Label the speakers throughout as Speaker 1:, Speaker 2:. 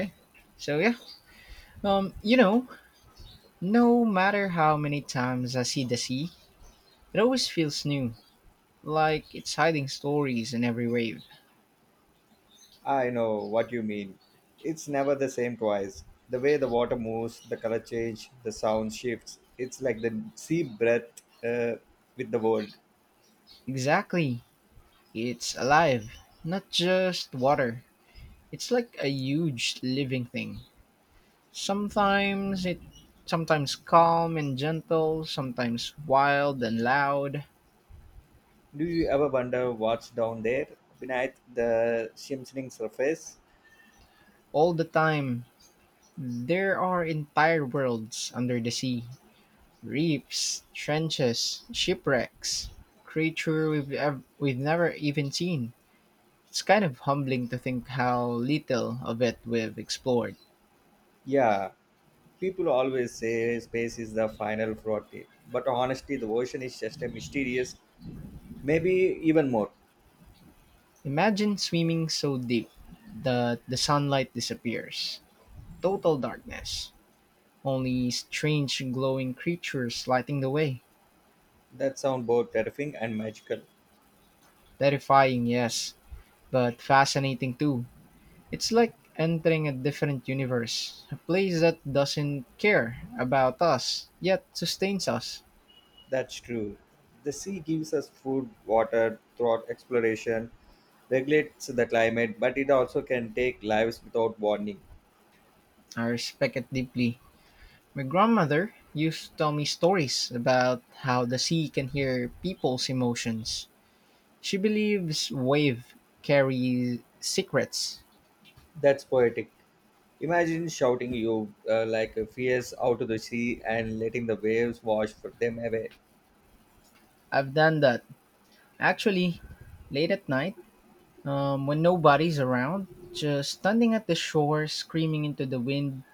Speaker 1: Okay. So yeah, um, you know, no matter how many times I see the sea, it always feels new, like it's hiding stories in every wave.
Speaker 2: I know what you mean. It's never the same twice. The way the water moves, the color change, the sound shifts. It's like the sea breath uh, with the world.
Speaker 1: Exactly, it's alive, not just water. It's like a huge living thing. Sometimes it, sometimes calm and gentle, sometimes wild and loud.
Speaker 2: Do you ever wonder what's down there beneath the shimmersing surface?
Speaker 1: All the time, there are entire worlds under the sea. Reefs, trenches, shipwrecks, we've never even seen. It's kind of humbling to think how little of it we've explored.
Speaker 2: Yeah, people always say space is the final frontier, but honestly, the ocean is just a mysterious, maybe even more.
Speaker 1: Imagine swimming so deep that the sunlight disappears. Total darkness. Only strange glowing creatures lighting the way.
Speaker 2: That sounds both terrifying and magical.
Speaker 1: Terrifying, yes, but fascinating too. It's like entering a different universe, a place that doesn't care about us, yet sustains us.
Speaker 2: That's true. The sea gives us food, water, throughout exploration regulates the climate, but it also can take lives without warning.
Speaker 1: I respect it deeply. My grandmother used to tell me stories about how the sea can hear people's emotions. She believes wave carry secrets.
Speaker 2: That's poetic. Imagine shouting you like a fierce out to the sea and letting the waves wash for them away.
Speaker 1: I've done that. Actually, late at night, when nobody's around, just standing at the shore screaming into the wind.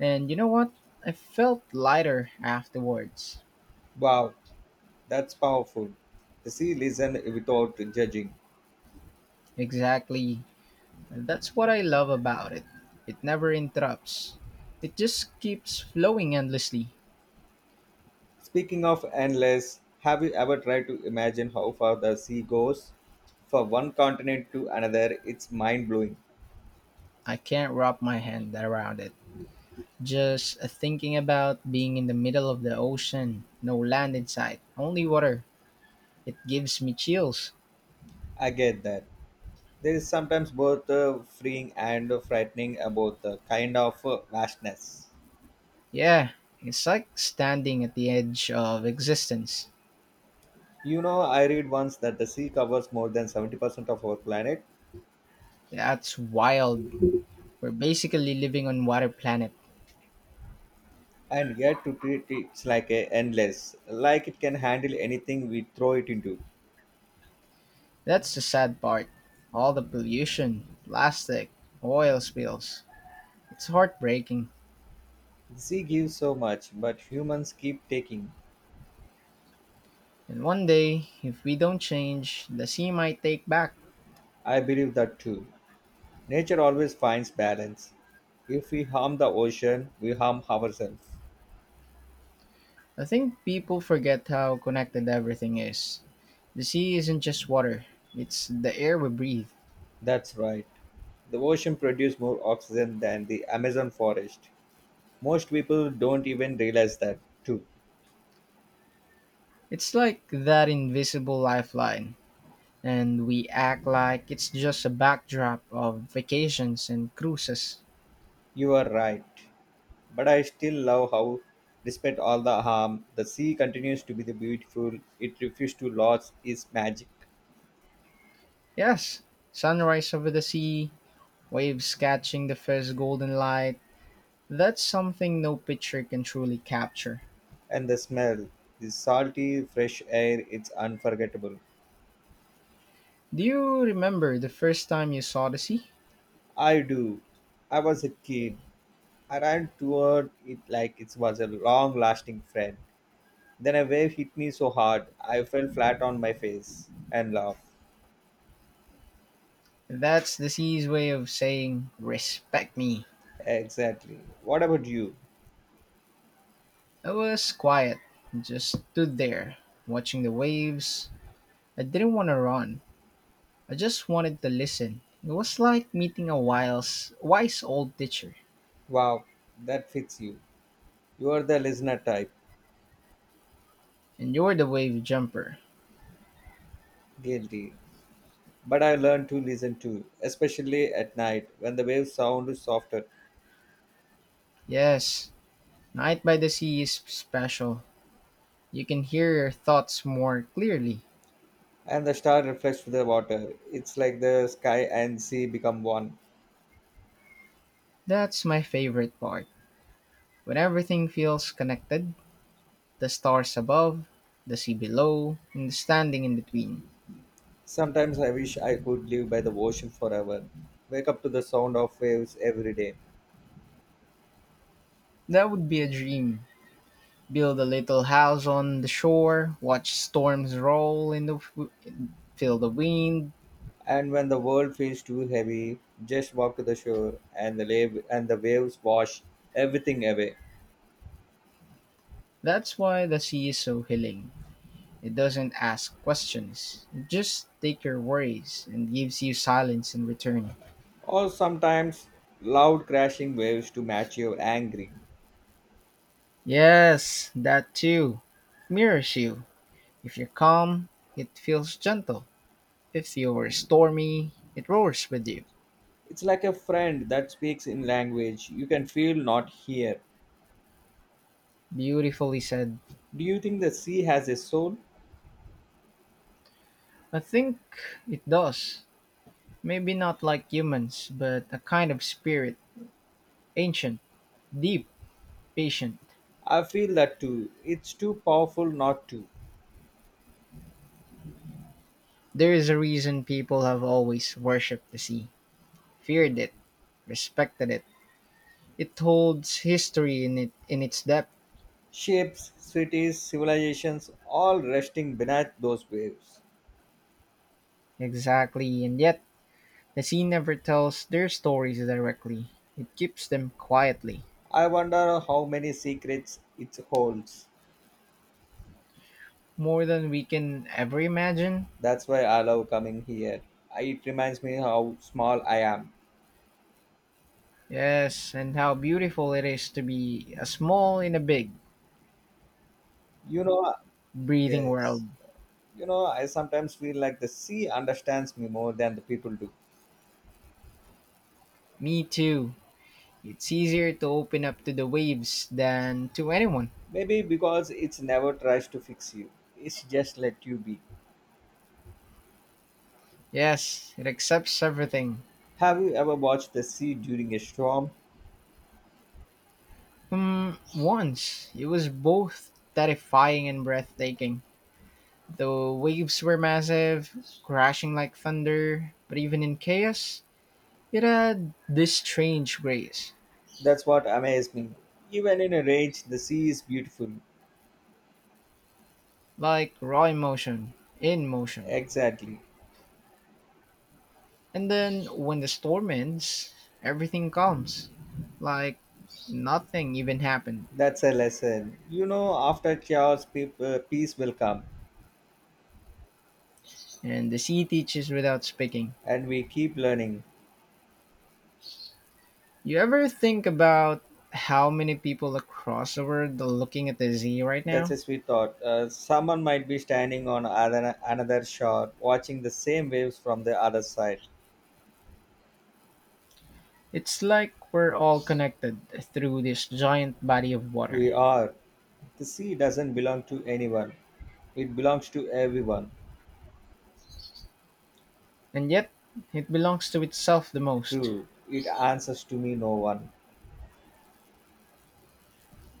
Speaker 1: And you know what? I felt lighter afterwards.
Speaker 2: Wow, that's powerful. The sea listens without judging.
Speaker 1: Exactly. That's what I love about it. It never interrupts. It just keeps flowing endlessly.
Speaker 2: Speaking of endless, have you ever tried to imagine how far the sea goes? From one continent to another, it's mind blowing.
Speaker 1: I can't wrap my hand around it. Just thinking about being in the middle of the ocean, no land in sight, only water. It gives me chills.
Speaker 2: I get that. There is sometimes both freeing and frightening about the kind of vastness.
Speaker 1: Yeah, it's like standing at the edge of existence.
Speaker 2: You know, I read once that the sea covers more than 70% of our planet,
Speaker 1: That's wild. We're basically living on water planet.
Speaker 2: and yet to treat it like a endless, like it can handle anything we throw it into.
Speaker 1: That's the sad part. All the pollution, plastic, oil spills. It's heartbreaking.
Speaker 2: The sea gives so much, but humans keep taking.
Speaker 1: And one day, if we don't change, the sea might take back.
Speaker 2: I believe that too. Nature always finds balance. If we harm the ocean, we harm ourselves.
Speaker 1: I think people forget how connected everything is. The sea isn't just water, it's the air we breathe.
Speaker 2: That's right. The ocean produces more oxygen than the Amazon forest. Most people don't even realize that, too.
Speaker 1: It's like that invisible lifeline, and we act like it's just a backdrop of vacations and cruises.
Speaker 2: You are right. But I still love how, despite all the harm, the sea continues to be the beautiful. It refuses to lose its magic.
Speaker 1: Yes, sunrise over the sea, waves catching the first golden light. That's something no picture can truly capture.
Speaker 2: And the smell, the salty, fresh air, it's unforgettable.
Speaker 1: Do you remember the first time you saw the sea?
Speaker 2: I do. I was a kid. I ran toward it like it was a long lasting friend. Then a wave hit me so hard, I fell flat on my face and laughed.
Speaker 1: That's the C's way of saying, respect me.
Speaker 2: Exactly. What about you?
Speaker 1: I was quiet, just stood there, watching the waves. I didn't want to run, I just wanted to listen. It was like meeting a wise old teacher.
Speaker 2: Wow, that fits you. You are the listener type.
Speaker 1: And you're the wave jumper.
Speaker 2: Guilty. But I learned to listen too, especially at night when the waves sound softer
Speaker 1: Yes, night by the sea is special. You can hear your thoughts more clearly.
Speaker 2: and the star reflects to the water. It's like the sky and sea become one.
Speaker 1: That's my favorite part. When everything feels connected, the stars above, the sea below, and the standing in between.
Speaker 2: Sometimes I wish I could live by the ocean forever, wake up to the sound of waves every day.
Speaker 1: That would be a dream. Build a little house on the shore, watch storms roll in the feel the wind.
Speaker 2: And when the world feels too heavy, just walk to the shore and the wave and the waves wash everything away.
Speaker 1: That's why the sea is so healing. It doesn't ask questions. It just take your worries and gives you silence in return.
Speaker 2: Or sometimes loud crashing waves to match your angry.
Speaker 1: Yes, that too. Mirrors you. If you're calm, it feels gentle. If you're stormy, it roars with you.
Speaker 2: It's like a friend that speaks in language you can feel not here.
Speaker 1: Beautifully said.
Speaker 2: Do you think the sea has a soul?
Speaker 1: I think it does. Maybe not like humans, but a kind of spirit, ancient, deep, patient.
Speaker 2: I feel that too. It's too powerful not to.
Speaker 1: There is a reason people have always worshipped the sea, feared it, respected it. It holds history in it in its depth.
Speaker 2: Ships, cities, civilizations all resting beneath those waves.
Speaker 1: Exactly, and yet the sea never tells their stories directly. It keeps them quietly,
Speaker 2: I wonder how many secrets it holds.
Speaker 1: more than we can ever imagine.
Speaker 2: That's why I love coming here. It reminds me how small I am.
Speaker 1: Yes, and how beautiful it is to be a small in a big,
Speaker 2: You know,
Speaker 1: breathing
Speaker 2: yes.
Speaker 1: world.
Speaker 2: You know, I sometimes feel like the sea understands me more than the people do.
Speaker 1: Me too. It's easier to open up to the waves than to anyone.
Speaker 2: Maybe because it's never tries to fix you. It's just let you be.
Speaker 1: Yes, it accepts everything.
Speaker 2: Have you ever watched the sea during a storm?
Speaker 1: Once, it was both terrifying and breathtaking. The waves were massive, crashing like thunder, but even in chaos, it had this strange grace,
Speaker 2: That's what amazed me. Even in a rage, the sea is beautiful.
Speaker 1: like raw emotion in motion.
Speaker 2: Exactly.
Speaker 1: And then when the storm ends, everything calms, like nothing even happened.
Speaker 2: That's a lesson. You know, after chaos, peace will come,
Speaker 1: And the sea teaches without speaking.
Speaker 2: and we keep learning.
Speaker 1: You ever think about how many people across the world are looking at the sea right
Speaker 2: That's
Speaker 1: now?
Speaker 2: a sweet thought. Someone might be standing on another shore, watching the same waves from the other side.
Speaker 1: It's like we're all connected through this giant body of water,
Speaker 2: We are. The sea doesn't belong to anyone. It belongs to everyone.
Speaker 1: and yet it belongs to itself the most.
Speaker 2: True, it answers to me no one.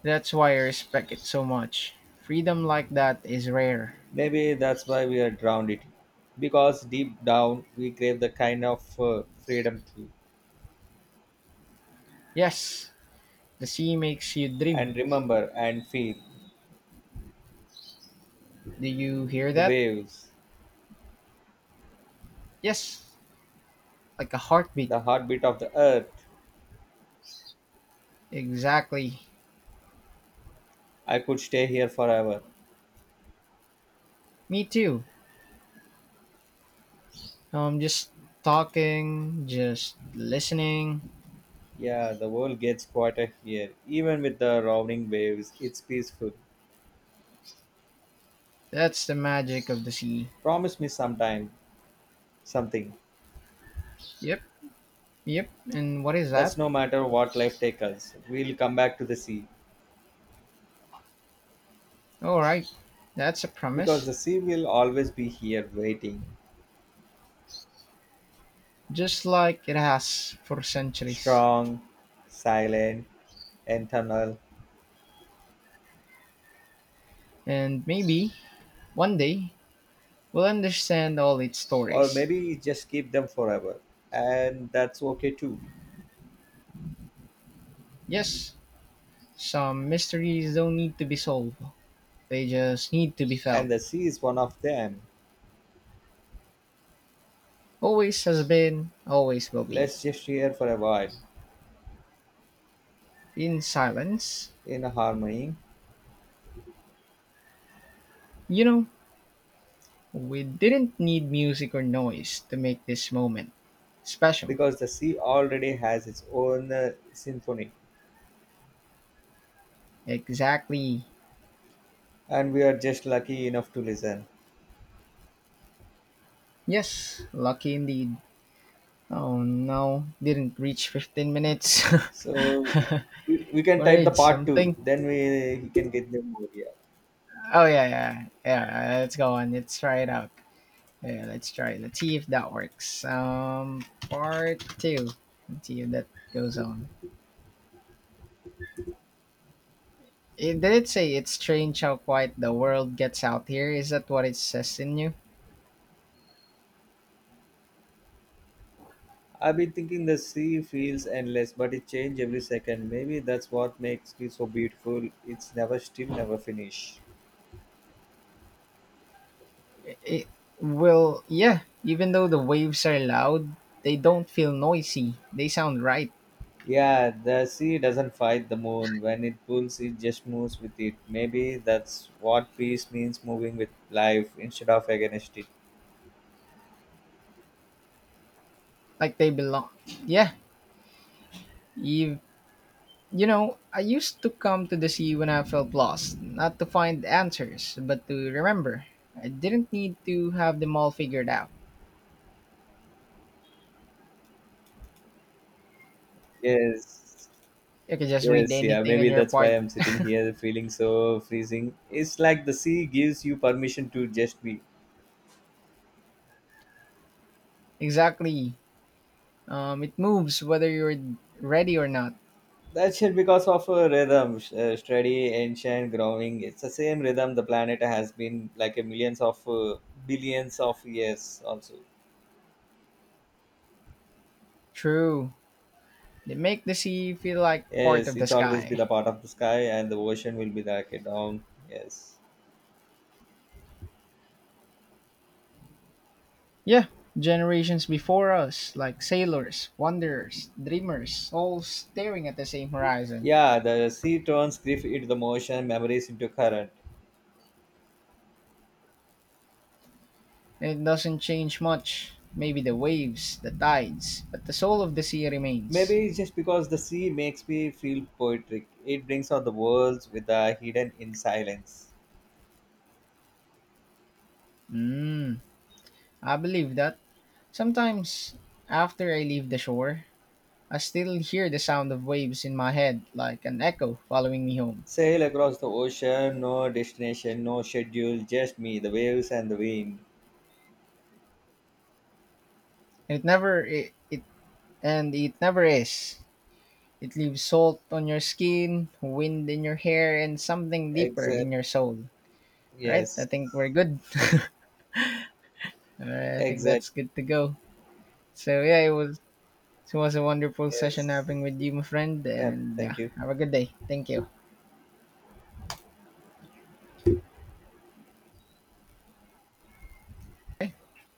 Speaker 1: That's why I respect it so much. Freedom like that is rare.
Speaker 2: Maybe that's why we are drowned it. Because deep down we crave the kind of freedom too.
Speaker 1: Yes, the sea makes you dream.
Speaker 2: And remember and feel
Speaker 1: Do you hear
Speaker 2: the
Speaker 1: that?
Speaker 2: waves,
Speaker 1: Yes, like a heartbeat.
Speaker 2: the heartbeat of the earth.
Speaker 1: Exactly.
Speaker 2: I could stay here forever.
Speaker 1: Me too. I'm just talking, just listening.
Speaker 2: Yeah, the world gets quieter here. Even with the roaring waves, it's peaceful.
Speaker 1: That's the magic of the sea.
Speaker 2: Promise me sometime something.
Speaker 1: Yep, yep. And what is
Speaker 2: That's
Speaker 1: that?
Speaker 2: no matter what life takes us. We'll come back to the sea.
Speaker 1: All right, that's a
Speaker 2: Because
Speaker 1: promise,
Speaker 2: the sea will always be here waiting.
Speaker 1: just like it has for centuries.
Speaker 2: Strong, silent, internal,
Speaker 1: And maybe one day we'll understand all its
Speaker 2: or
Speaker 1: stories.
Speaker 2: maybe just keep them forever. And that's okay too.
Speaker 1: Yes, some mysteries don't need to be solved, they just need to be felt.
Speaker 2: And the sea is one of them.
Speaker 1: Always has been, always will be.
Speaker 2: Let's just hear for a while
Speaker 1: In silence,
Speaker 2: in harmony
Speaker 1: you know, we didn't need music or noise to make this moment special.
Speaker 2: because the sea already has its own symphony
Speaker 1: Exactly.
Speaker 2: and we are just lucky enough to listen.
Speaker 1: Yes, lucky indeed. Oh no, didn't reach 15 minutes.
Speaker 2: So we can type the
Speaker 1: we
Speaker 2: part two,
Speaker 1: something.
Speaker 2: then we can get them more. Yeah.
Speaker 1: Oh yeah. Let's go on. Let's try it out. Yeah, let's try it. Let's see if that works. Part two. Let's see if that goes on. It did say it's strange how quiet the world gets out here. Is that what it says in you?
Speaker 2: I've been thinking the sea feels endless, but it changes every second. Maybe that's what makes it so beautiful. It's never still, never finish.
Speaker 1: It will. Yeah. Even though the waves are loud, they don't feel noisy. They sound right,
Speaker 2: Yeah, the sea doesn't fight the moon. When it pulls, it just moves with it. Maybe that's what peace means moving with life instead of against it.
Speaker 1: like they belong. Yeah, You, you know, I used to come to the sea when I felt lost, not to find answers, but to remember. I didn't need to have them all figured out.
Speaker 2: Yes.
Speaker 1: You could just read
Speaker 2: Yes, yeah,
Speaker 1: anything on
Speaker 2: maybe
Speaker 1: your
Speaker 2: that's why
Speaker 1: part.
Speaker 2: I'm sitting here feeling so freezing. It's like the sea gives you permission to just be.
Speaker 1: Exactly. It moves whether you're ready or not.
Speaker 2: That shit because of a rhythm, steady, ancient, growing. It's the same rhythm the planet has been like a millions of billions of years. Also,
Speaker 1: True. They make the sea feel like part
Speaker 2: yes,
Speaker 1: of the
Speaker 2: it's always be
Speaker 1: sky.
Speaker 2: the part of the sky, and the ocean will be like a down. Yes,
Speaker 1: Yeah, generations before us, like sailors, wanderers, dreamers, all staring at the same horizon.
Speaker 2: yeah, the sea turns grief into the motion, memories into current.
Speaker 1: It doesn't change much. Maybe the waves, the tides, but the soul of the sea remains.
Speaker 2: Maybe it's just because the sea makes me feel poetic, it brings out the worlds with the hidden in silence.
Speaker 1: Hmm. I believe that. Sometimes, after I leave the shore, I still hear the sound of waves in my head, like an echo following me home.
Speaker 2: Sail across the ocean, no destination, no schedule, just me, the waves and the wind.
Speaker 1: And it never it, it and it never is. It leaves salt on your skin, wind in your hair, and something deeper
Speaker 2: Exact.
Speaker 1: in your soul. All right, I
Speaker 2: Yes.
Speaker 1: think we're good. All right, I think
Speaker 2: Exact.
Speaker 1: that's good to go. So yeah, it was a wonderful session
Speaker 2: Yes.
Speaker 1: having with you, my friend,
Speaker 2: Yeah.
Speaker 1: and
Speaker 2: Thank
Speaker 1: yeah,
Speaker 2: you.
Speaker 1: have a good day. Thank you.